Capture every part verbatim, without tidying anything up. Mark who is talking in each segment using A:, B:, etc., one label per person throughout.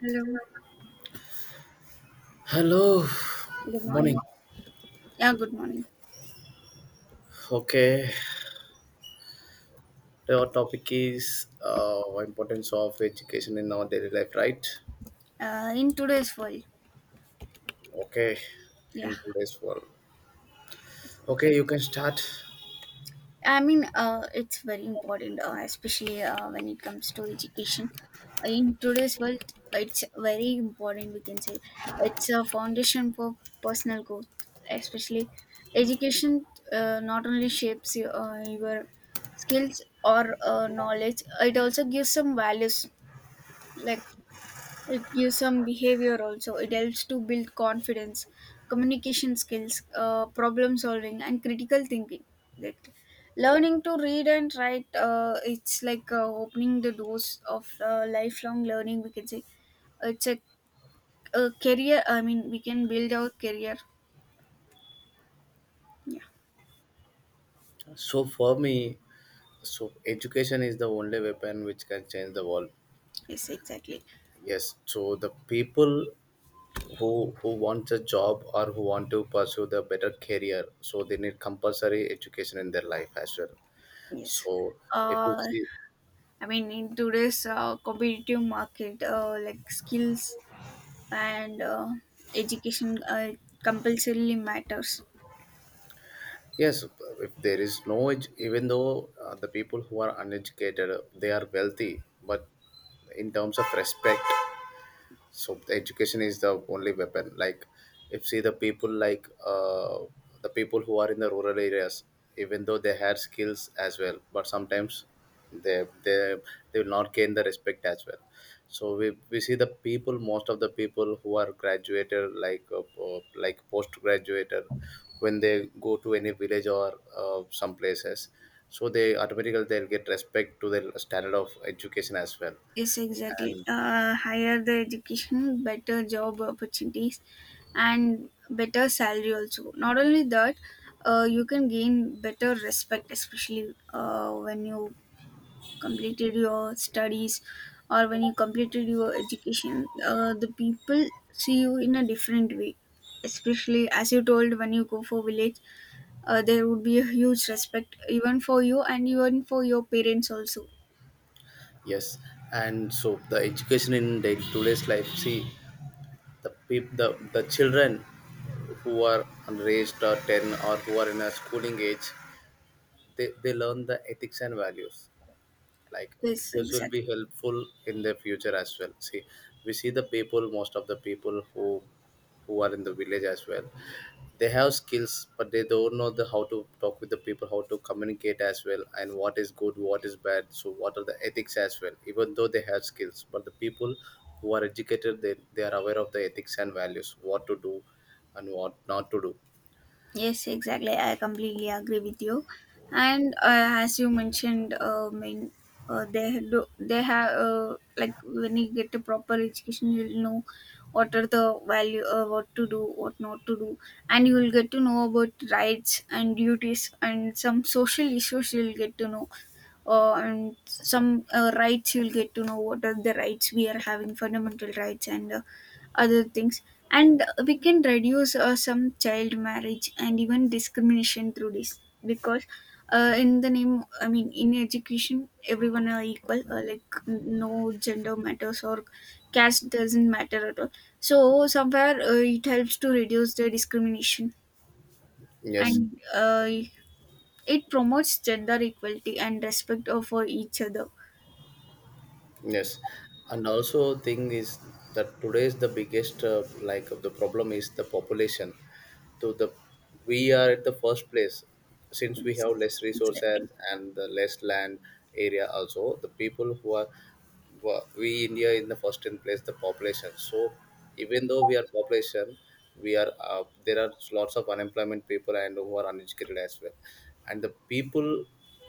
A: Hello.
B: Hello,
A: Good
B: morning.
A: morning. Yeah, good morning.
B: Okay, our topic is uh, importance of education in our daily life, right?
A: Uh, in today's world,
B: Okay,
A: yeah,
B: in today's world.
A: that's
B: Okay,
A: exact.
B: you can start.
A: I mean, uh, it's very important, uh, especially uh, when it comes to education. In today's world, it's very important. We can say it's a foundation for personal growth, especially education. Uh, not only shapes your, uh, your skills or uh, knowledge, it also gives some values like it gives some behavior also. It helps to build confidence, communication skills, uh, problem solving, and critical thinking. That learning to read and write, uh, it's like uh, opening the doors of uh, lifelong learning. We can say it's a, a career. I mean, we can build our career. Yeah.
B: So for me, so education is the only weapon which can change the world.
A: Yes. Exactly.
B: Yes. So the people who who want a job or who want to pursue the better career, so they need compulsory education in their life as well.
A: Yes.
B: So if you
A: Uh,
B: see.
A: I mean, in today's uh, competitive market, uh, like skills and uh, education uh, compulsorily matters.
B: Yes, if there is no, edu- even though uh, the people who are uneducated, they are wealthy, but in terms of respect, so the education is the only weapon. Like if see the people like uh, the people who are in the rural areas, even though they have skills as well, but sometimes they they they will not gain the respect as well. So we, we see the people, most of the people who are graduated like uh, po- like post graduated, when they go to any village or uh, some places, so they automatically they'll get respect to the standard of education as well.
A: Yes, exactly. Uh, higher the education, better job opportunities, and better salary also. Not only that, uh, you can gain better respect, especially uh, when you completed your studies or when you completed your education. Uh, the people see you in a different way, especially as you told when you go for village. Uh, there would be a huge respect even for you and even for your parents also.
B: Yes, and so the education in day, today's life, see the peop, the the children who are raised or ten or who are in a schooling age, they, they learn the ethics and values. Like
A: Yes,
B: this will
A: exactly.
B: be helpful in their future as well. See, we see the people, most of the people who who are in the village as well, they have skills but they don't know the how to talk with the people, how to communicate as well, and what is good, what is bad, so what are the ethics as well. Even though they have skills, but the people who are educated, they, they are aware of the ethics and values, what to do and what not to do.
A: Yes, exactly. I completely agree with you. And uh, as you mentioned, uh, I mean, uh, they do, they have uh, like when you get a proper education, you'll know what are the value, uh, what to do, what not to do, and you will get to know about rights and duties and some social issues. You'll get to know, uh, and some uh, rights. You'll get to know what are the rights we are having, fundamental rights and uh, other things. And we can reduce uh, some child marriage and even discrimination through this because uh, in the name, I mean, in education everyone are equal, uh, like no gender matters or caste doesn't matter at all. So somewhere uh, it helps to reduce the discrimination,
B: Yes.
A: and uh, it promotes gender equality and respect of for each other.
B: Yes, and also thing is that today's the biggest uh, like the problem is the population. So the we are at the first place, since we have
A: Yes,
B: less resources
A: exactly.
B: and the less land area. Also the people who are wa- we india in the first in place the population. So even though we are population, we are uh, there are lots of unemployment people and who are uneducated as well. And the people,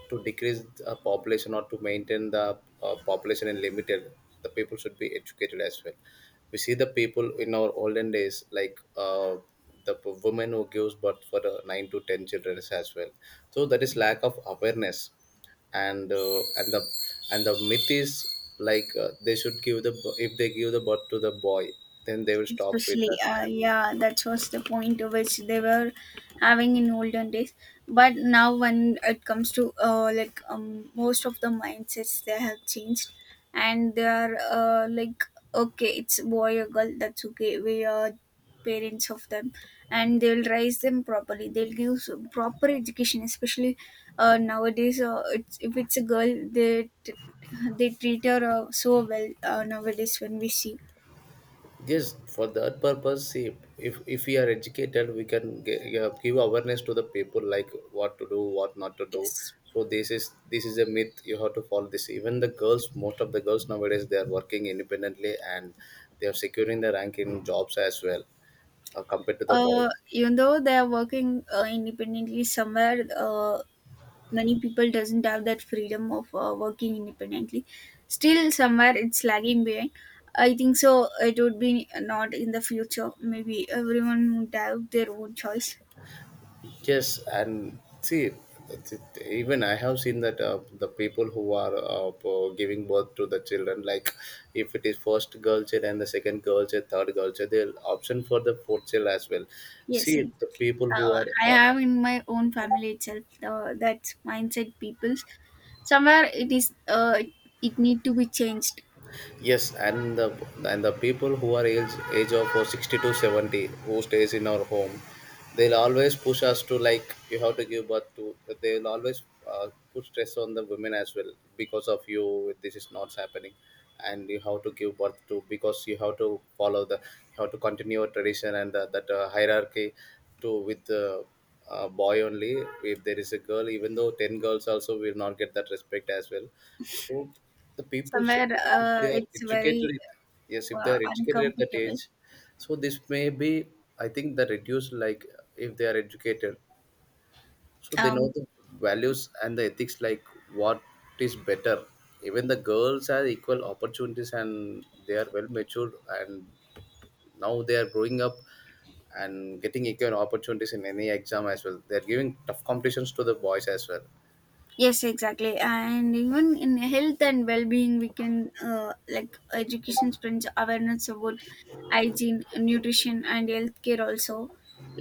B: to decrease the population or to maintain the uh, population in limited, the people should be educated as well. We see the people in our olden days, like uh, the p- woman who gives birth for uh, nine to ten children as well. So that is lack of awareness. And uh, and the, and the myth is like uh, they should give the b- if they give the birth to the boy, then they will stop with
A: Especially
B: that.
A: uh, yeah, that was the point which they were having in olden days. But now when it comes to uh, like um, most of the mindsets they have changed, and they are uh, like okay, it's boy or girl, that's okay, we are parents of them. And they'll raise them properly, they'll give s- proper education. Especially uh, nowadays uh, it's, if it's a girl they t- they treat her uh, so well uh, nowadays when we see.
B: Yes, for that purpose, see, if if we are educated, we can give, give awareness to the people, like what to do, what not to do.
A: Yes.
B: So this is this is a myth. You have to follow this. Even the girls, most of the girls nowadays, they are working independently and they are securing the rank in jobs as well, uh, compared to the
A: Uh,
B: boys.
A: even though they are working uh, independently, somewhere uh, many people doesn't have that freedom of uh, working independently. Still somewhere it's lagging behind. I think so it would be not in the future, maybe everyone would have their own choice.
B: Yes, and see, th- th- even I have seen that uh, the people who are uh, p- giving birth to the children, like if it is first girl child and the second girl child, third girl child, they'll option for the fourth child as well.
A: Yes,
B: See, the
A: exactly.
B: people who
A: uh, I
B: are uh,
A: have in my own family itself uh, that mindset people. Somewhere it is uh, it need to be changed.
B: Yes, and the, and the people who are age age of uh, sixty to seventy, who stays in our home, they'll always push us to, like, you have to give birth to. They'll always uh, put stress on the women as well because of you. This is not happening, and you have to give birth to because you have to follow the, you have to continue your tradition and the, that uh, hierarchy to with the uh, boy only. If there is a girl, even though ten girls also will not get that respect as well. So the people, so
A: Somewhere
B: if they
A: uh,
B: are
A: it's
B: educated
A: very
B: it- yes, if they
A: uh,
B: are educated at that
A: uncomfortable.
B: age, so this may be, I think the reduced like if they are educated, so they know
A: um,
B: the values and the ethics, like what is better. Even the girls have equal opportunities and they are well matured, and now they are growing up and getting equal opportunities in any exam as well. They are giving tough competitions to the boys as well.
A: Yes, exactly. And even in health and well-being, we can, uh, like, education spreads awareness about hygiene, nutrition, and healthcare also.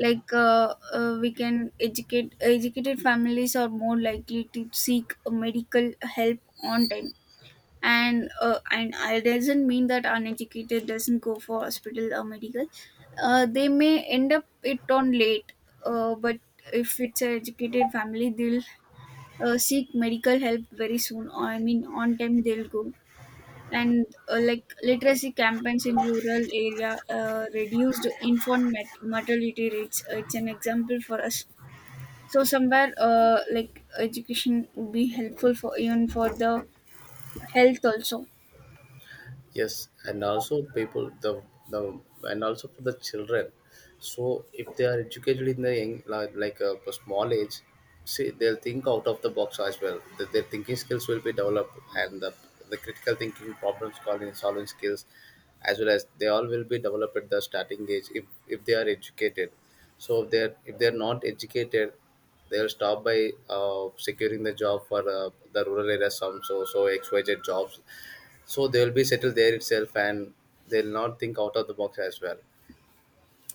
A: Like, uh, uh, we can educate educated families are more likely to seek medical help on time. And uh, and it doesn't mean that uneducated doesn't go for hospital or medical. Uh, they may end up it on late, uh, but if it's an educated family, they'll uh, seek medical help very soon, or I mean on time they'll go. And uh, like literacy campaigns in rural area uh, reduced infant mat- mortality rates. Uh, it's an example for us. So somewhere uh, like education would be helpful for even for the health also.
B: Yes, and also people, the the and also for the children, so if they are educated in the young, like, like a, small age, see they'll think out of the box as well, the, their thinking skills will be developed, and the, the critical thinking, problem solving solving skills as well, as they all will be developed at the starting age if if they are educated. So if they're if they're not educated, they'll stop by uh, securing the job for uh, the rural areas, some so so XYZ jobs, so they'll be settled there itself, and they'll not think out of the box as well.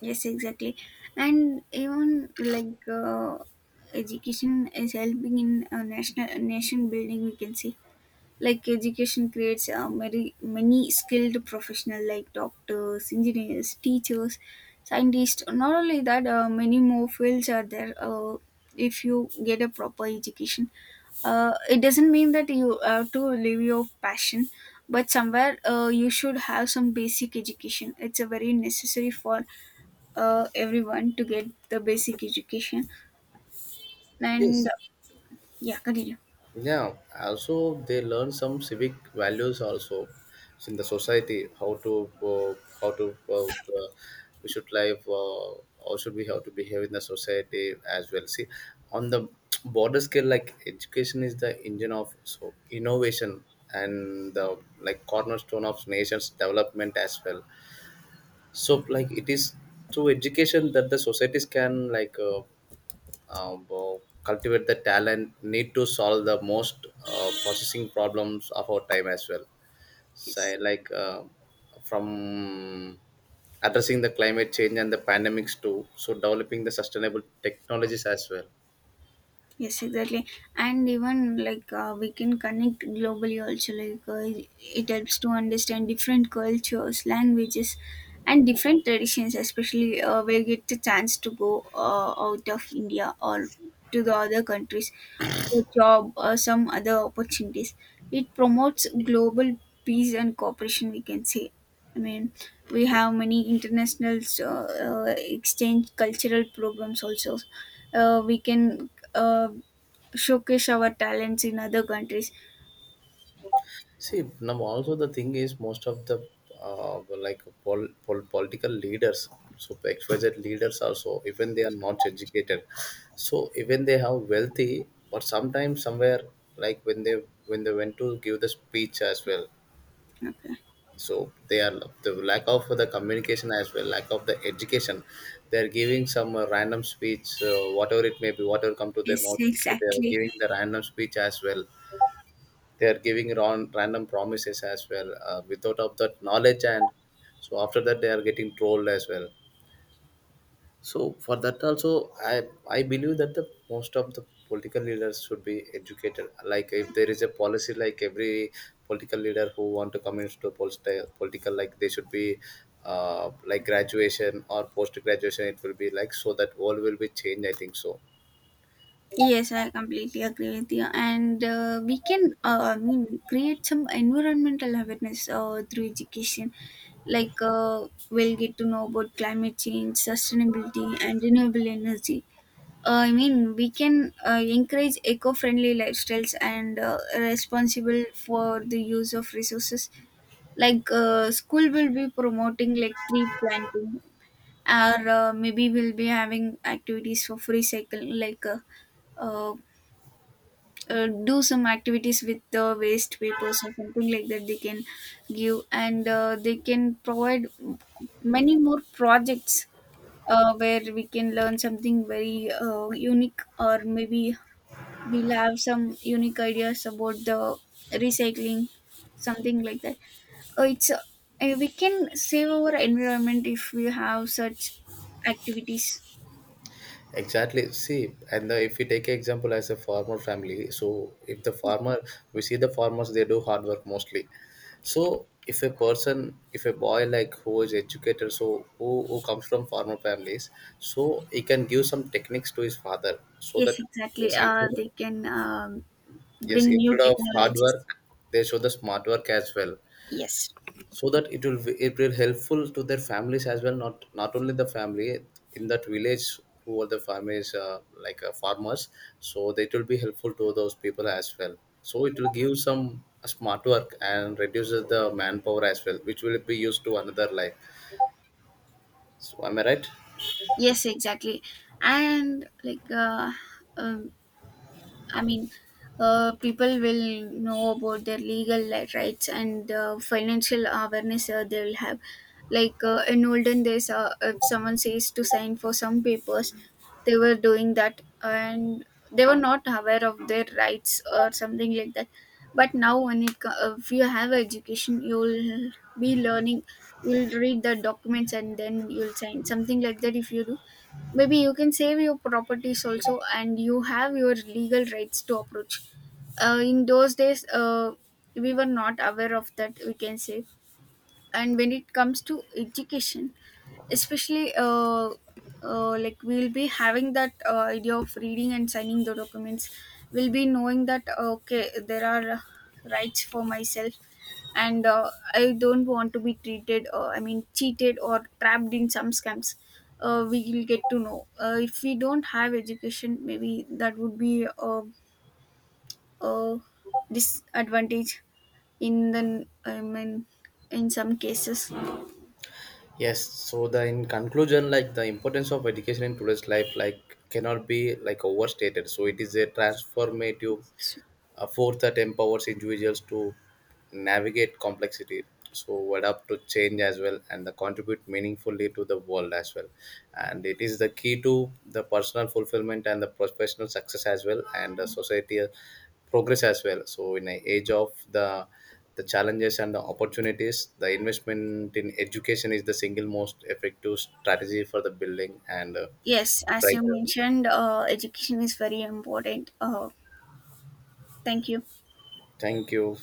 A: Yes, exactly. And even like uh, education is helping in uh, national nation building, we can see. Like education creates uh, many, many skilled professional like doctors, engineers, teachers, scientists. Not only that, uh, many more fields are there. Uh, if you get a proper education, uh, it doesn't mean that you have to live your passion, but somewhere uh, you should have some basic education. It's a very necessary for uh, everyone to get the basic education. And
B: Yes.
A: yeah, continue.
B: Yeah, also they learn some civic values also in the society, how to uh, how to uh, uh, we should live uh, how should we, how to behave in the society as well. See, on the border scale, like education is the engine of so innovation and the like cornerstone of nations development as well. So like it is through education that the societies can like uh, uh, well, cultivate the talent need to solve the most uh, processing problems of our time as well.
A: Yes.
B: Say, like uh, from addressing the climate change and the pandemics too, so developing the sustainable technologies as well.
A: Yes, exactly. And even like uh, we can connect globally also. Like uh, it it helps to understand different cultures, languages, and different traditions. Especially uh, we get the chance to go uh, out of India or to the other countries for job or some other opportunities. It promotes global peace and cooperation, we can say. I mean, we have many international uh, uh, exchange cultural programs also. Uh, we can uh, showcase our talents in other countries.
B: See, now also the thing is most of the uh, like pol- pol- political leaders, so X Y Z leaders also, even they are not educated, so even they have wealthy, but sometimes somewhere, like when they when they went to give the speech as well,
A: Okay.
B: so they are the lack of the communication as well, lack of the education, they are giving some uh, random speech, uh, whatever it may be, whatever come to their
A: Yes,
B: mouth, so they are
A: exactly.
B: giving the random speech as well. They are giving ron- random promises as well, uh, without of that knowledge, and so after that they are getting trolled as well. So for that also, i i believe that the most of the political leaders should be educated, like if there is a policy like every political leader who want to come into politi- political, like they should be uh, like graduation or post graduation, it will be like, so that world will be changed, I think so.
A: Yes, I completely agree with you. And uh, we can, uh, I mean, create some environmental awareness uh, through education. Like, uh, we'll get to know about climate change, sustainability, and renewable energy. Uh, I mean, we can uh, encourage eco friendly lifestyles and uh, responsible for the use of resources. Like uh, school will be promoting like tree planting, or uh, maybe we'll be having activities for free cycle, like uh, uh, uh, do some activities with the waste papers or something like that they can give. And uh, they can provide many more projects uh, where we can learn something very uh, unique, or maybe we'll have some unique ideas about the recycling, something like that. Uh, it's uh, uh, we can save our environment if we have such activities.
B: Exactly. See, and the, if we take example as a farmer family, so if the farmer, we see the farmers, they do hard work mostly. So if a person, if a boy like who is educated, so who, who comes from farmer families, so he can give some techniques to his father so
A: Yes,
B: that,
A: exactly.
B: yes,
A: Uh,
B: instead of,
A: they can, um,
B: yes,
A: bring new
B: instead of hard
A: technologies.
B: work, they show the smart work as well,
A: Yes.
B: so that it will be- it will helpful to their families as well, not not only the family, in that village, who are the families uh, like uh, farmers, so that will be helpful to those people as well. So it will give some smart work and reduces the manpower as well, which will be used to another life. So am I right?
A: Yes, exactly. And like uh, um, I mean, uh, people will know about their legal li- rights and uh, financial awareness uh, they will have. Like uh, in olden days, uh, if someone says to sign for some papers, they were doing that and they were not aware of their rights or something like that. But now, when it co- uh, if you have education, you'll be learning. You'll read the documents and then you'll sign something like that. If you do, maybe you can save your properties also and you have your legal rights to approach. Uh, in those days uh, we were not aware of that, we can say. And when it comes to education, especially uh, uh, like, we'll be having that uh, idea of reading and signing the documents. We'll be knowing that uh, okay, there are uh, rights for myself, and uh, I don't want to be treated, uh, I mean cheated or trapped in some scams. Uh, we will get to know, uh, if we don't have education maybe that would be a, a disadvantage in the, I mean in some cases.
B: Yes, so the in conclusion, like the importance of education in today's life like cannot be like overstated. So it is a transformative, a fourth that empowers individuals to navigate complexity, so adapt to change as well, and the contribute meaningfully to the world as well. And it is the key to the personal fulfillment and the professional success as well, and the society uh, progress as well. So in an age of the the challenges and the opportunities, the investment in education is the single most effective strategy for the building and uh,
A: Yes, as you
B: brighter.
A: mentioned, uh, education is very important. Uh, thank you.
B: Thank you.